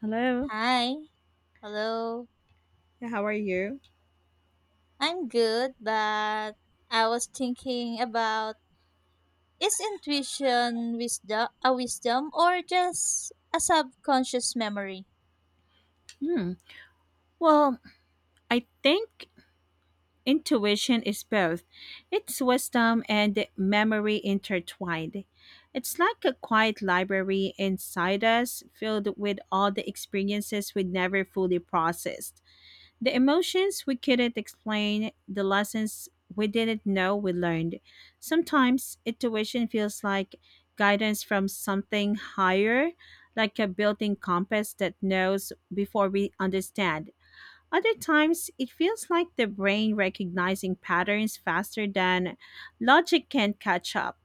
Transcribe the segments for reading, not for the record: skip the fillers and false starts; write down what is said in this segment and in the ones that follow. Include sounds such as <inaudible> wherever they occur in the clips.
Hello. Hi. Hello. Yeah, how are you? I'm good, but I was thinking, about is intuition wisdom a wisdom or just a subconscious memory? Hmm. Well, I think intuition is both. It's wisdom and memory intertwined. It's like a quiet library inside us filled with all the experiences we never fully processed. The emotions we couldn't explain, the lessons we didn't know we learned. Sometimes intuition feels like guidance from something higher, like a built in compass that knows before we understand. Other times, it feels like the brain recognizing patterns faster than logic can catch up.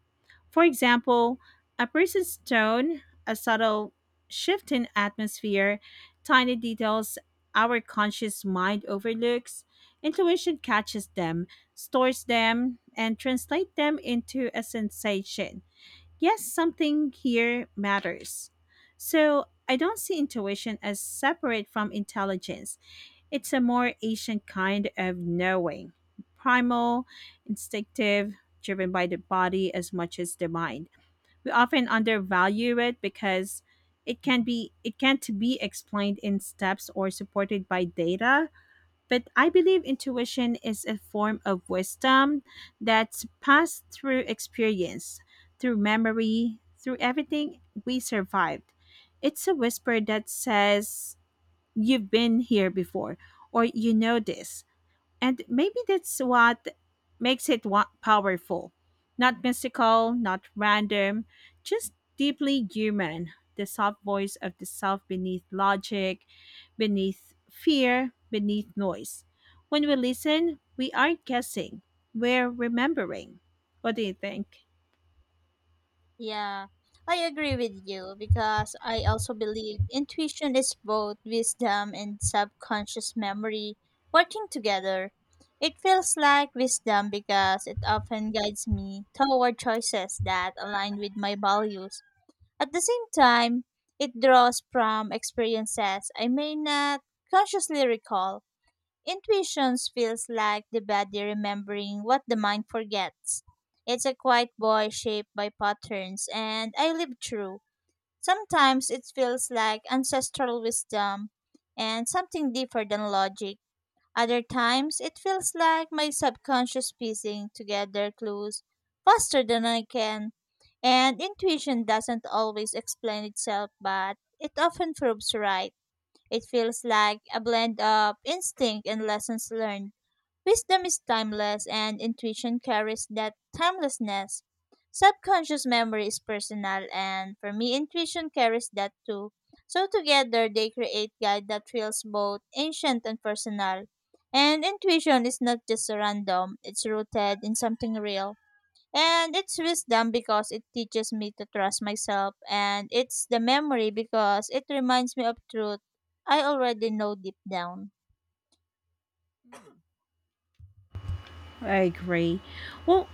For example, a person's tone, a subtle shift in atmosphere, tiny details our conscious mind overlooks, intuition catches them, stores them, and translates them into a sensation. Yes, something here matters. So, I don't see intuition as separate from intelligence. It's a more ancient kind of knowing, primal, instinctive, driven by the body as much as the mind. We often undervalue it because it can't be explained in steps or supported by data. But I believe intuition is a form of wisdom that's passed through experience, through memory, through everything we survived. It's a whisper that says, you've been here before, or you know this, and maybe that's what makes it powerful. Not mystical, not random, just deeply human. The soft voice of the self beneath logic, beneath fear, beneath noise. When we listen, we aren't guessing, we're remembering. What do you think? Yeah, I agree with you because I also believe intuition is both wisdom and subconscious memory working together. It feels like wisdom because it often guides me toward choices that align with my values. At the same time, it draws from experiences I may not consciously recall. Intuitions feels like the body remembering what the mind forgets. It's a quiet boy shaped by patterns and I live through. Sometimes it feels like ancestral wisdom and something deeper than logic. Other times, it feels like my subconscious piecing together clues faster than I can. And intuition doesn't always explain itself, but it often proves right. It feels like a blend of instinct and lessons learned. Wisdom is timeless, and intuition carries that timelessness. Subconscious memory is personal, and for me, intuition carries that too. So, together, they create guide that feels both ancient and personal. And intuition is not just random, it's rooted in something real. And it's wisdom because it teaches me to trust myself, and it's the memory because it reminds me of truth I already know deep down. I agree. Well,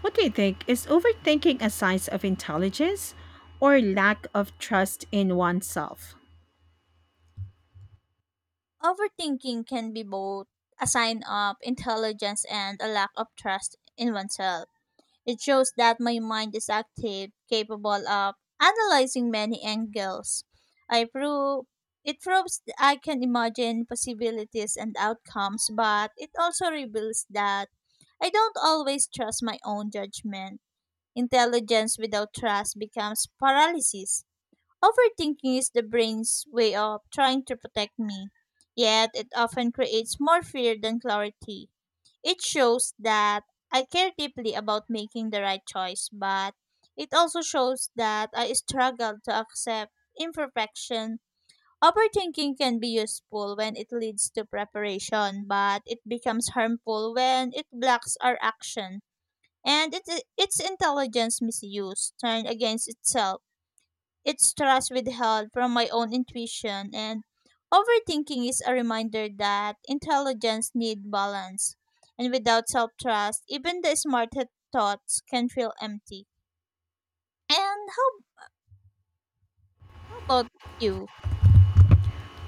what do you think? Is overthinking a sign of intelligence or lack of trust in oneself? Overthinking can be both a sign of intelligence and a lack of trust in oneself. It shows that my mind is active, capable of analyzing many angles. I prove I can imagine possibilities and outcomes, but it also reveals that I don't always trust my own judgment. Intelligence without trust becomes paralysis. Overthinking is the brain's way of trying to protect me, yet it often creates more fear than clarity. It shows that I care deeply about making the right choice, but it also shows that I struggle to accept imperfection. Overthinking can be useful when it leads to preparation, but it becomes harmful when it blocks our action and its intelligence misuse turned against itself. It's trust withheld from my own intuition, and overthinking is a reminder that intelligence needs balance. And without self trust, even the smartest thoughts can feel empty. And how about you?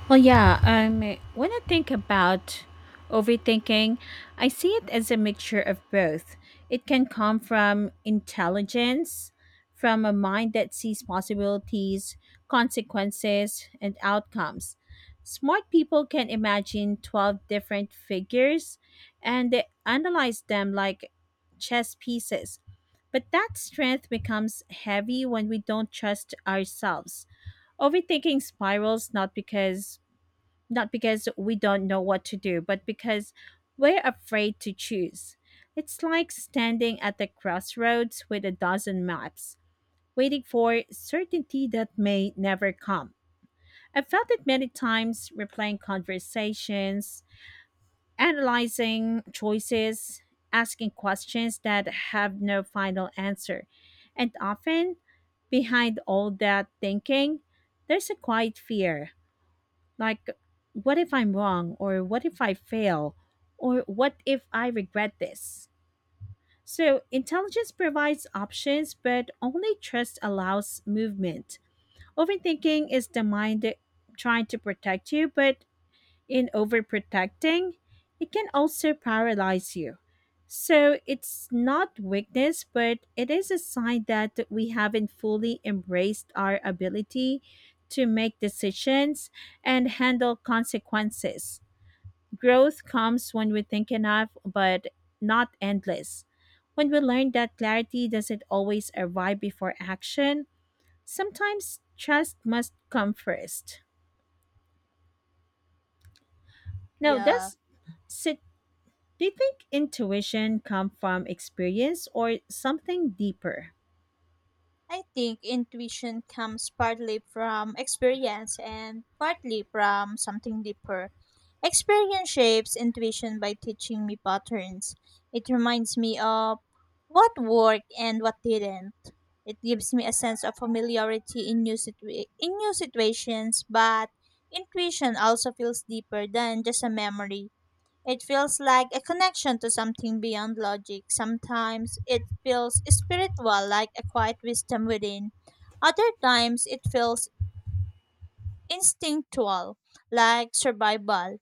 Well, yeah. When I think about overthinking, I see it as a mixture of both. It can come from intelligence, from a mind that sees possibilities, consequences, and outcomes. Smart people can imagine 12 different figures and they analyze them like chess pieces. But that strength becomes heavy when we don't trust ourselves. Overthinking spirals not because we don't know what to do, but because we're afraid to choose. It's like standing at the crossroads with a dozen maps, waiting for certainty that may never come. I've felt it many times replaying conversations, analyzing choices, asking questions that have no final answer. And often, behind all that thinking, there's a quiet fear like, what if I'm wrong? Or what if I fail? Or what if I regret this? So, intelligence provides options, but only trust allows movement. Overthinking is the mind trying to protect you, but in overprotecting, it can also paralyze you. So it's not weakness, but it is a sign that we haven't fully embraced our ability to make decisions and handle consequences. Growth comes when we think enough, but not endless. When we learn that clarity doesn't always arrive before action, sometimes trust must come first. Now, Yeah, that's do you think intuition comes from experience or something deeper? I think intuition comes partly from experience and partly from something deeper. Experience shapes intuition by teaching me patterns. It reminds me of what worked and what didn't. It gives me a sense of familiarity in in new situations, but intuition also feels deeper than just a memory. It feels like a connection to something beyond logic. Sometimes it feels spiritual, like a quiet wisdom within. Other times it feels instinctual, like survival.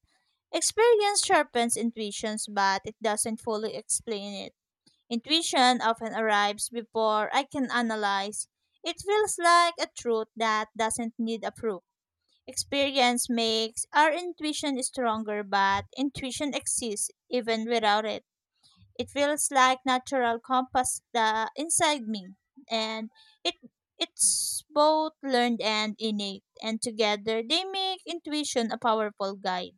Experience sharpens intuitions, but it doesn't fully explain it. Intuition often arrives before I can analyze. It feels like a truth that doesn't need a proof. Experience makes our intuition stronger, but intuition exists even without it. It feels like natural compass the inside me, and it it's both learned and innate, and together they make intuition a powerful guide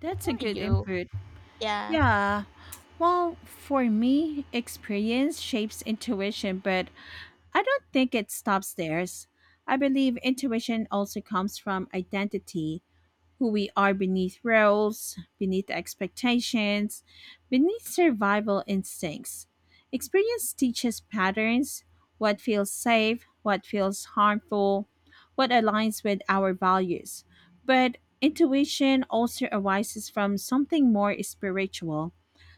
That's a for good you. input. Yeah, Yeah. Well, for me, experience shapes intuition, but I don't think it stops there. I believe intuition also comes from identity, who we are beneath roles, beneath expectations, beneath survival instincts. Experience teaches patterns, what feels safe, what feels harmful, what aligns with our values. But intuition also arises from something more spiritual,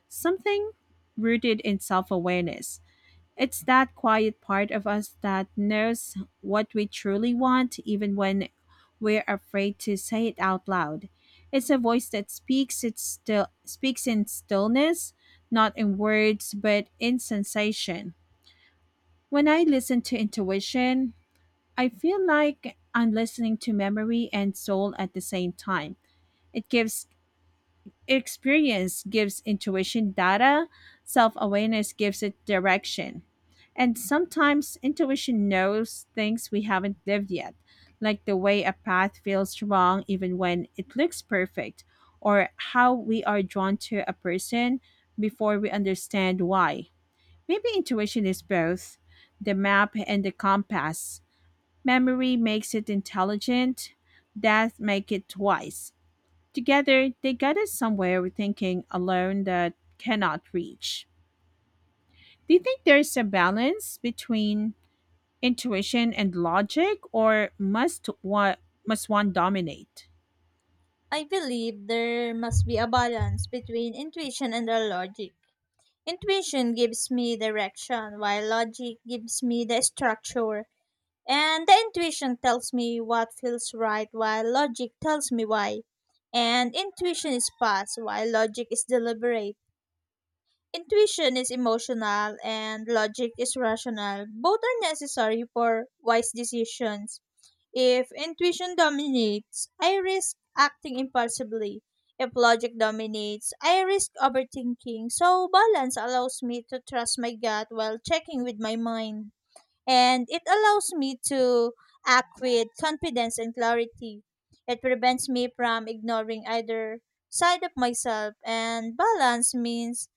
something rooted in self awareness. It's that quiet part of us that knows what we truly want, even when we're afraid to say it out loud. It's a voice that speaks. It still speaks in stillness, not in words, but in sensation. When I listen to intuition, I feel like I'm listening to memory and soul at the same time. It gives Experience gives intuition data, self awareness gives it direction. And sometimes intuition knows things we haven't lived yet, like the way a path feels wrong even when it looks perfect, or how we are drawn to a person before we understand why. Maybe intuition is both the map and the compass. Memory makes it intelligent, death makes it wise. Together, they guide us somewhere we're thinking alone that cannot reach. Do you think there's a balance between intuition and logic, or must one dominate? I believe there must be a balance between intuition and the logic. Intuition gives me direction, while logic gives me the structure. And the intuition tells me what feels right while logic tells me why. And intuition is fast while logic is deliberate. Intuition is emotional and logic is rational. Both are necessary for wise decisions. If intuition dominates, I risk acting impulsively. If logic dominates, I risk overthinking. So balance allows me to trust my gut while checking with my mind and it allows me to act with confidence and clarity. It prevents me from ignoring either side of myself, and balance means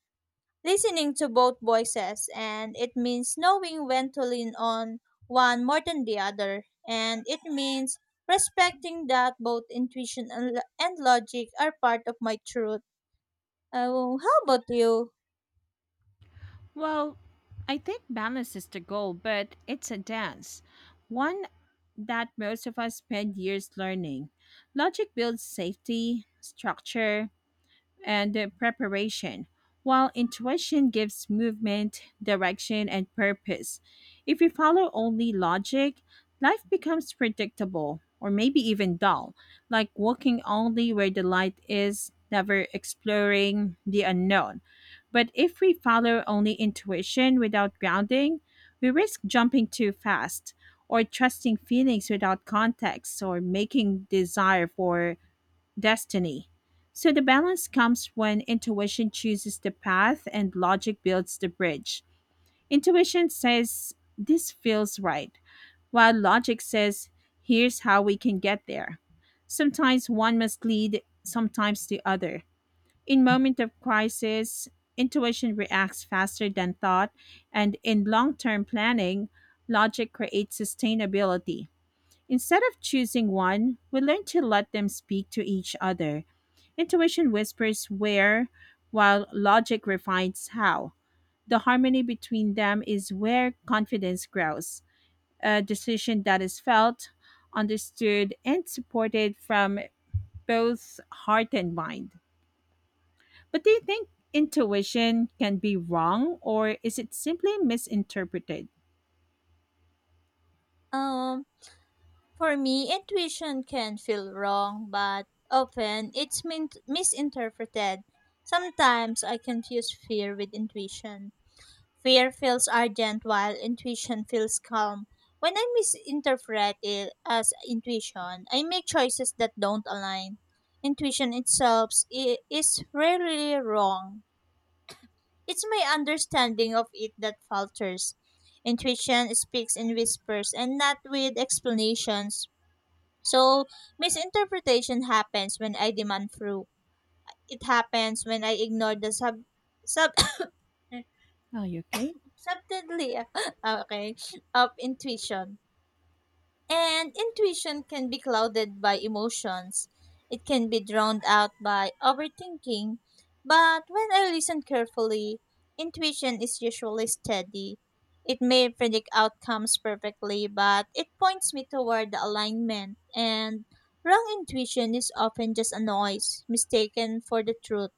listening to both voices, and it means knowing when to lean on one more than the other, and it means respecting that both intuition and logic are part of my truth. Oh, how about you? Well, I think balance is the goal, but it's a dance. One that most of us spend years learning. Logic builds safety, structure, and the preparation, while intuition gives movement, direction, and purpose. If we follow only logic, life becomes predictable or maybe even dull, like walking only where the light is, never exploring the unknown. But if we follow only intuition without grounding, we risk jumping too fast or trusting feelings without context, or making desire for destiny. So the balance comes when intuition chooses the path and logic builds the bridge. Intuition says, this feels right, while logic says, here's how we can get there. Sometimes one must lead, sometimes the other. In moment of crisis, intuition reacts faster than thought, and in long-term planning, logic creates sustainability. Instead of choosing one, we learn to let them speak to each other. Intuition whispers where, while logic refines how. The harmony between them is where confidence grows. A decision that is felt, understood, and supported from both heart and mind. But do you think intuition can be wrong, or is it simply misinterpreted? Um, For me, intuition can feel wrong, but often it's misinterpreted. Sometimes I confuse fear with intuition. Fear feels urgent while intuition feels calm. When I misinterpret it as intuition, I make choices that don't align. Intuition itself is rarely wrong. It's my understanding of it that falters. Intuition speaks in whispers and not with explanations. So, misinterpretation happens when I demand fruit. It happens when I ignore the sub sub <coughs> Are you okay? subtly <laughs> okay of intuition. And intuition can be clouded by emotions. It can be drowned out by overthinking. But when I listen carefully, intuition is usually steady. It may predict outcomes perfectly, but it points me toward the alignment. And wrong intuition is often just a noise, mistaken for the truth.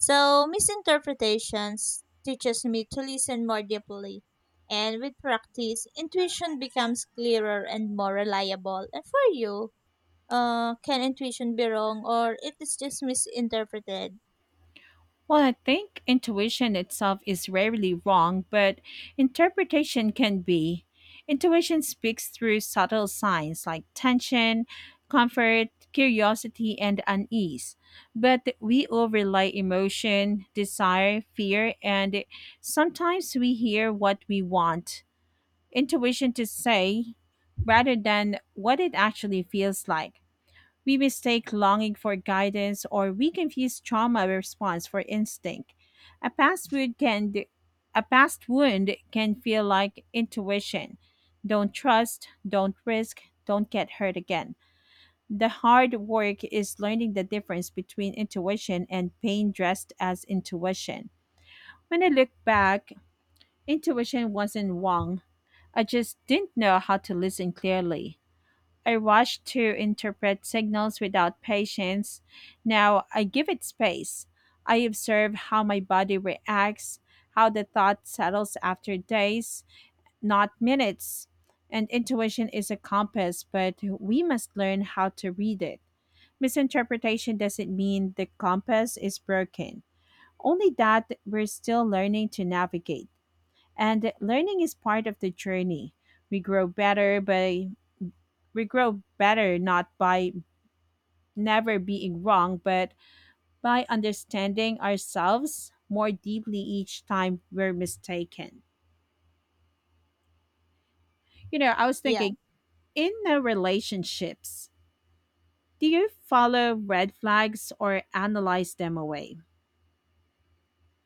So misinterpretations teaches me to listen more deeply. And with practice, intuition becomes clearer and more reliable. And for you, can intuition be wrong or it is just misinterpreted? Well, I think intuition itself is rarely wrong, but interpretation can be. Intuition speaks through subtle signs like tension, comfort, curiosity, and unease. But we overlay emotion, desire, fear, and sometimes we hear what we want intuition to say rather than what it actually feels like. We mistake longing for guidance, or we confuse trauma response for instinct. A past wound can a past wound can feel like intuition. Don't trust, don't risk, don't get hurt again. The hard work is learning the difference between intuition and pain dressed as intuition. When I look back, intuition wasn't wrong. I just didn't know how to listen clearly. I rushed to interpret signals without patience. Now I give it space. I observe how my body reacts, how the thought settles after days, not minutes. And intuition is a compass, but we must learn how to read it. Misinterpretation doesn't mean the compass is broken, only that we're still learning to navigate. And learning is part of the journey. We grow better by we grow better not by never being wrong, but by understanding ourselves more deeply each time we're mistaken. You know, I was Yeah, thinking, in the relationships, do you follow red flags or analyze them away?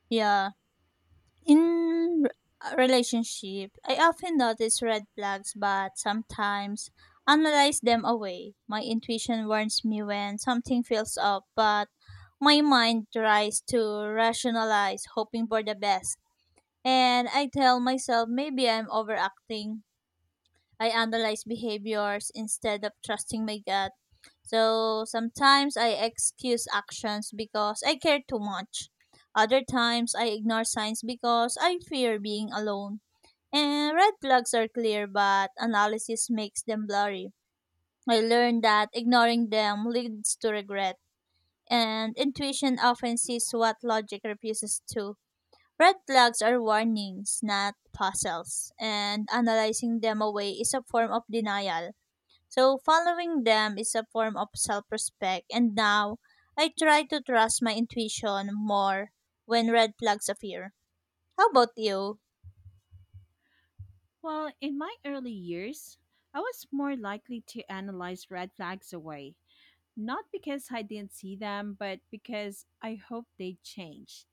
yeah. In relationship, I often notice red flags, but sometimes analyze them away. My intuition warns me when something feels off, but my mind tries to rationalize, hoping for the best. And I tell myself maybe I'm overacting, I analyze behaviors instead of trusting my gut. So sometimes I excuse actions because I care too much. Other times I ignore signs because I fear being alone. And red flags are clear, but analysis makes them blurry. I learned that ignoring them leads to regret, and intuition often sees what logic refuses to. Red flags are warnings, not puzzles, and analyzing them away is a form of denial. So following them is a form of self-respect and now I try to trust my intuition more when red flags appear. How about you? Well, in my early years, I was more likely to analyze red flags away. Not because I didn't see them, but because I hoped they'd change.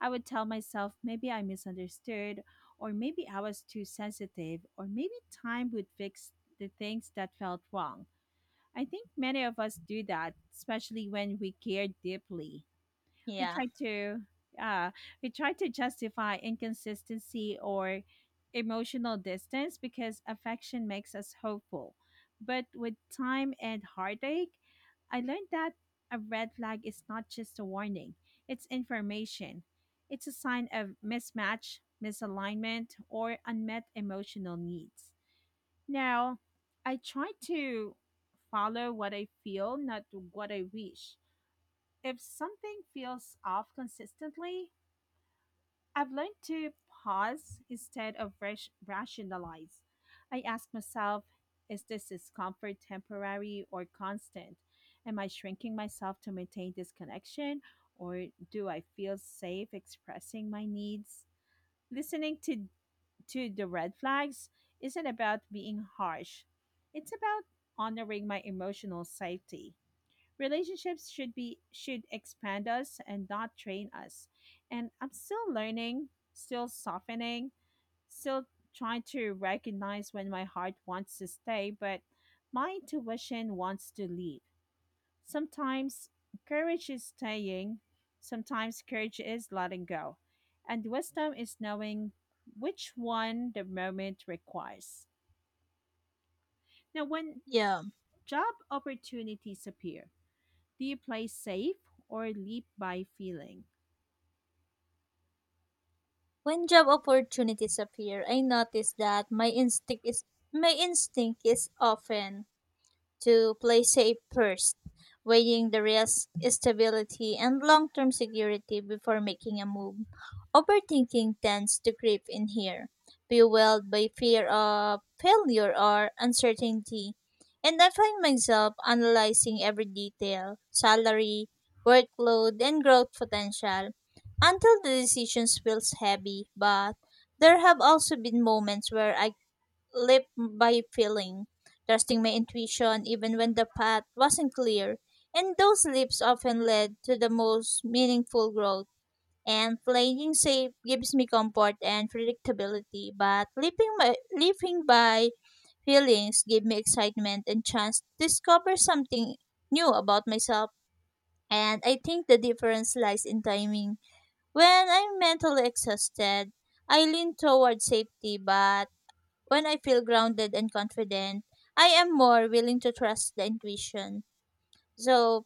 I would tell myself maybe I misunderstood, or maybe I was too sensitive, or maybe time would fix the things that felt wrong. I think many of us do that, especially when we care deeply. We Yeah. try to uh justify inconsistency or emotional distance because affection makes us hopeful. But with time and heartache, I learned that a red flag is not just a warning, it's information. It's a sign of mismatch, misalignment, or unmet emotional needs. Now I try to follow what I feel, not what I wish. If something feels off consistently, I've learned to pause instead of rationalize. I ask myself, is this discomfort temporary or constant? Am I shrinking myself to maintain this connection, or do I feel safe expressing my needs? Listening to the red flags isn't about being harsh, it's about honoring my emotional safety. Relationships should be should expand us and not train us. And I'm still learning, still softening, still trying to recognize when my heart wants to stay, but my intuition wants to leave. Sometimes courage is staying, sometimes courage is letting go. And wisdom is knowing which one the moment requires. Now, when Yeah. job opportunities appear, do you play safe or leap by feeling? When job opportunities appear, I notice that my instinct is often to play safe first, weighing the risk, stability, and long term security before making a move. Overthinking tends to creep in here, fueled by fear of failure or uncertainty. And I find myself analyzing every detail salary, workload, and growth potential until the decisions feels heavy. But there have also been moments where I leap by feeling, trusting my intuition even when the path wasn't clear. And those leaps often led to the most meaningful growth. And playing safe gives me comfort and predictability, but living by feelings give me excitement and chance to discover something new about myself. And I think the difference lies in timing. When I'm mentally exhausted, I lean toward safety, but when I feel grounded and confident, I am more willing to trust the intuition. So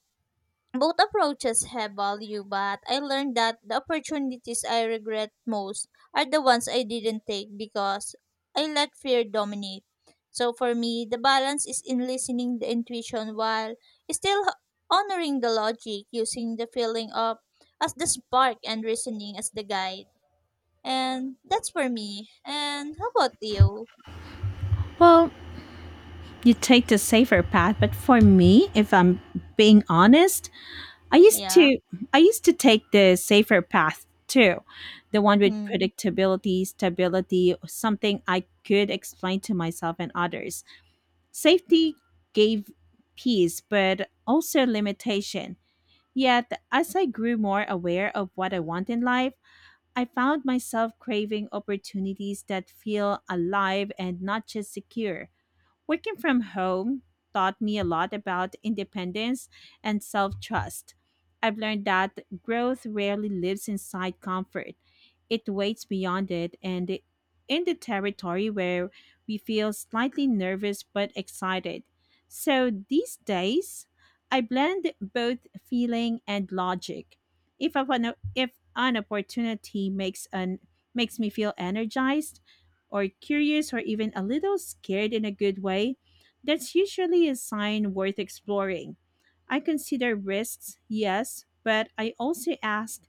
both approaches have value, but I learned that the opportunities I regret most are the ones I didn't take because I let fear dominate. So for me, the balance is in listening the intuition while still honoring the logic, using the feeling of as the spark and reasoning as the guide. And that's for me. And how about you? Well, you take the safer path, but for me, if I'm being honest, I used Yeah. to, take the safer path too. The one with Hmm. predictability, stability, something I could explain to myself and others. Safety gave peace, but also limitation. Yet, as I grew more aware of what I want in life, I found myself craving opportunities that feel alive and not just secure. Working from home taught me a lot about independence and self trust. I've learned that growth rarely lives inside comfort, it waits beyond it, and in the territory where we feel slightly nervous but excited. So these days, I blend both feeling and logic. If I wanna, if an opportunity makes me feel energized, or curious, or even a little scared in a good way, that's usually a sign worth exploring. I consider risks, yes, but I also ask,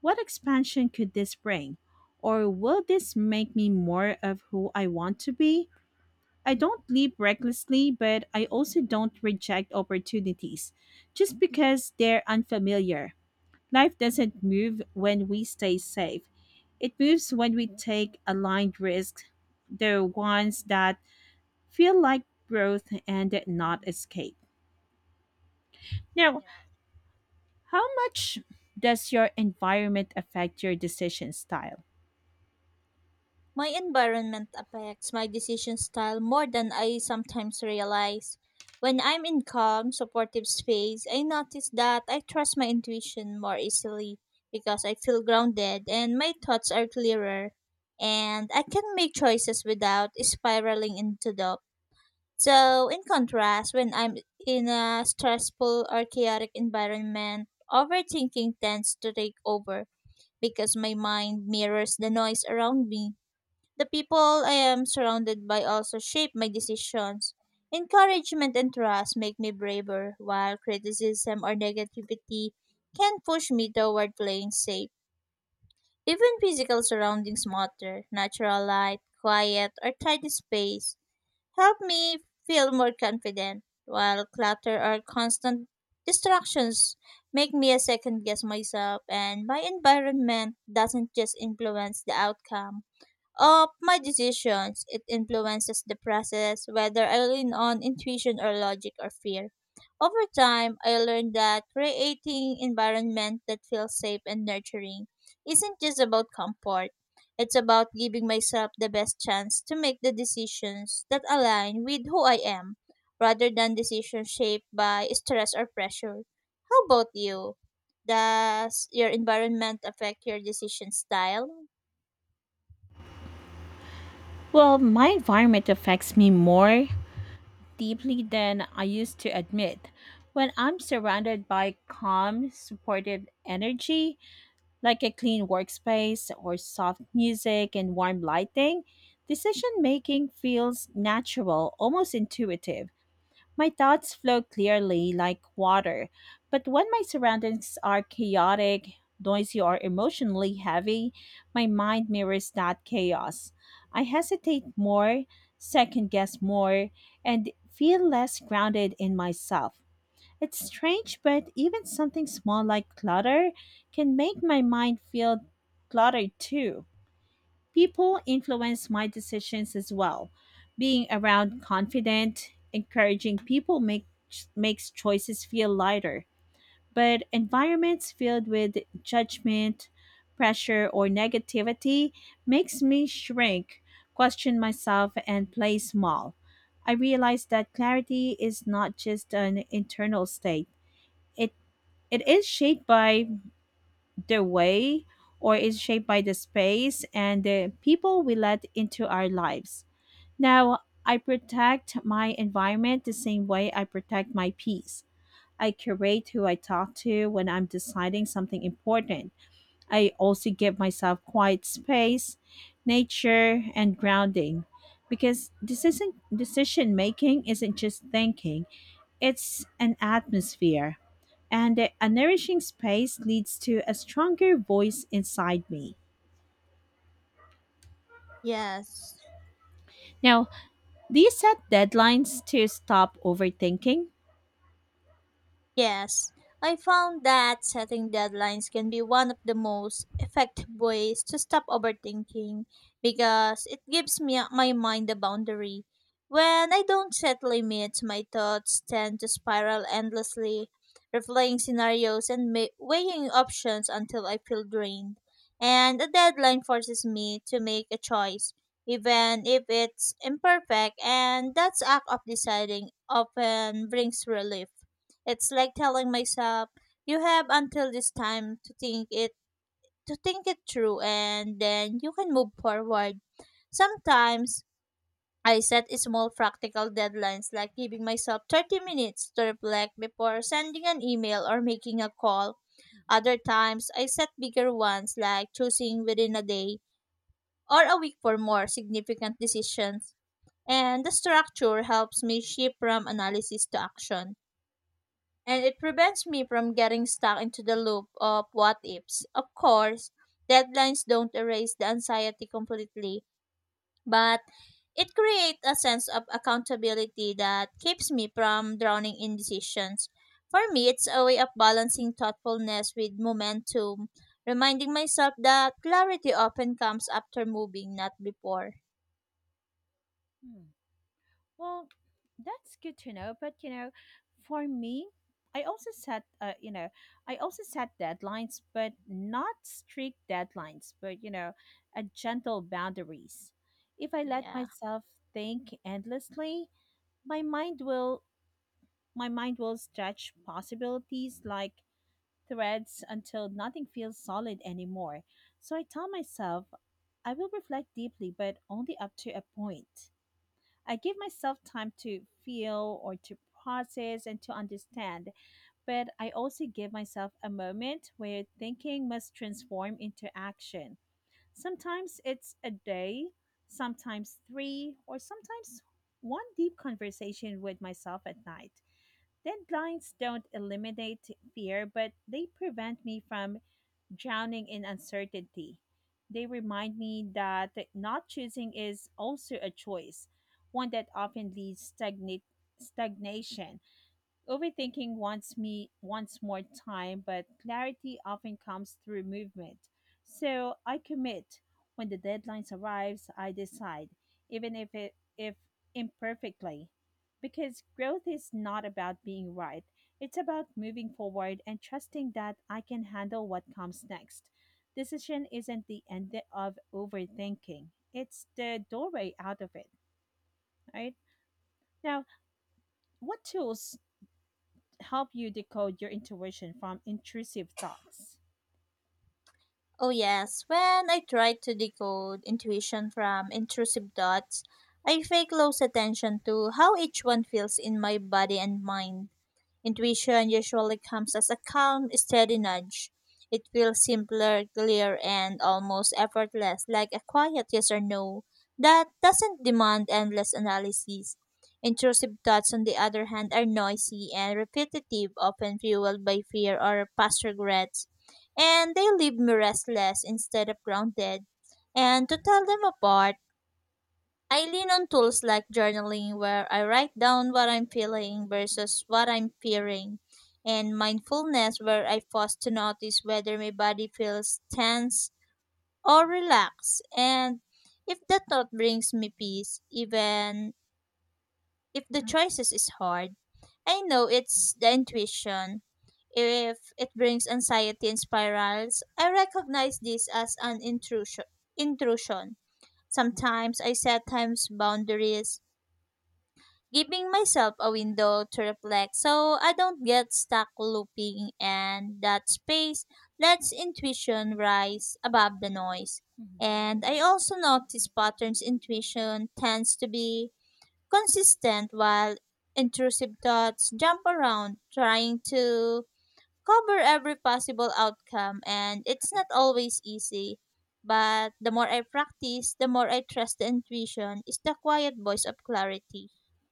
what expansion could this bring? Or will this make me more of who I want to be? I don't leap recklessly, but I also don't reject opportunities just because they're unfamiliar. Life doesn't move when we stay safe. It moves when we take aligned risks, the ones that feel like growth and not escape. Now, Yeah. how much does your environment affect your decision style? My environment affects my decision style more than I sometimes realize. When I'm in calm, supportive space, I notice that I trust my intuition more easily because I feel grounded and my thoughts are clearer and I can make choices without spiraling into doubt. So, in contrast, when I'm in a stressful or chaotic environment, overthinking tends to take over because my mind mirrors the noise around me. The people I am surrounded by also shape my decisions. Encouragement and trust make me braver, while criticism or negativity can push me toward playing safe. Even physical surroundings matter. Natural light, quiet, or tidy space help me feel more confident, while clutter or constant distractions make me a second guess myself and my environment doesn't just influence the outcome of my decisions. It influences the process, whether I lean on intuition or logic or fear. Over time, I learned that creating environment that feels safe and nurturing isn't just about comfort. It's about giving myself the best chance to make the decisions that align with who I am, rather than decisions shaped by stress or pressure. How about you? Does your environment affect your decision style? Well, my environment affects me more deeply than I used to admit. When I'm surrounded by calm, supportive energy, like a clean workspace or soft music and warm lighting, decision making feels natural, almost intuitive. My thoughts flow clearly like water, but when my surroundings are chaotic, noisy, or emotionally heavy, my mind mirrors that chaos. I hesitate more, second guess more, and feel less grounded in myself. It's strange, but even something small like clutter can make my mind feel cluttered too. People influence my decisions as well. Being around confident, encouraging people makes choices feel lighter. But environments filled with judgment, pressure, or negativity makes me shrink, question myself, and play small. I realize that clarity is not just an internal state, it it the way is shaped by the space and the people we let into our lives. Now, I protect my environment the same way I protect my peace. I curate who I talk to when I'm deciding something important. I also give myself quiet space, nature, and grounding, because decision making isn't just thinking, it's an atmosphere, and a nourishing space leads to a stronger voice inside me. Yes. Now, do you set deadlines to stop overthinking? Yes, I found that setting deadlines can be one of the most effective ways to stop overthinking because it gives me my mind a boundary. When I don't set limits, my thoughts tend to spiral endlessly, replaying scenarios and weighing options until I feel drained. And a deadline forces me to make a choice, even if it's imperfect, and that act of deciding often brings relief. It's like telling myself, you have until this time to think it through and then you can move forward. Sometimes I set small practical deadlines like giving myself 30 minutes to reflect before sending an email or making a call. Other times I set bigger ones like choosing within a day or a week for more significant decisions. And the structure helps me shift from analysis to action and it prevents me from getting stuck into the loop of what ifs. Of course, deadlines don't erase the anxiety completely, but it creates a sense of accountability that keeps me from drowning in decisions. For me, it's a way of balancing thoughtfulness with momentum, reminding myself that clarity often comes after moving, not before. Hmm. Well, that's good to know, but for me, I also set uh, you know, I also set deadlines, but not strict deadlines, but a gentle boundaries. If I let Yeah. myself think endlessly, my mind will My mind will stretch possibilities like threads until nothing feels solid anymore. So I tell myself I will reflect deeply, but only up to a point. I give myself time to feel, or to process and to understand, but I also give myself a moment where thinking must transform into action. Sometimes it's a day, sometimes three, or sometimes one deep conversation with myself at night. Deadlines don't eliminate fear, but they prevent me from drowning in uncertainty. They remind me that not choosing is also a choice, one that often leads stagnation. Overthinking wants more time, but clarity often comes through movement. So I commit. When the deadline arrives, I decide, even if it if imperfectly. Because growth is not about being right. It's about moving forward and trusting that I can handle what comes next. Decision isn't the end of overthinking. It's the doorway out of it, right? Now, what tools help you decode your intuition from intrusive thoughts? Oh, yes. When I try to decode intuition from intrusive thoughts, I pay close attention to how each one feels in my body and mind. Intuition usually comes as a calm, steady nudge. It feels simpler, clear, and almost effortless, like a quiet yes or no that doesn't demand endless analysis. Intrusive thoughts, on the other hand, are noisy and repetitive, often fueled by fear or past regrets and they leave me restless instead of grounded. And to tell them apart, I lean on tools like journaling, where I write down what I'm feeling versus what I'm fearing, and mindfulness, where I pause to notice whether my body feels tense or relaxed. And if that thought brings me peace, even if the choices is hard, I know it's the intuition. If it brings anxiety and spirals, I recognize this as an intrusion. Sometimes I set times boundaries, giving myself a window to reflect so I don't get stuck looping and that space lets intuition rise above the noise. Mhm. And I also notice patterns intuition tends to be consistent while intrusive thoughts jump around trying to cover every possible outcome and it's not Right. always easy but the more I practice the more I trust the intuition is the quiet voice of clarity.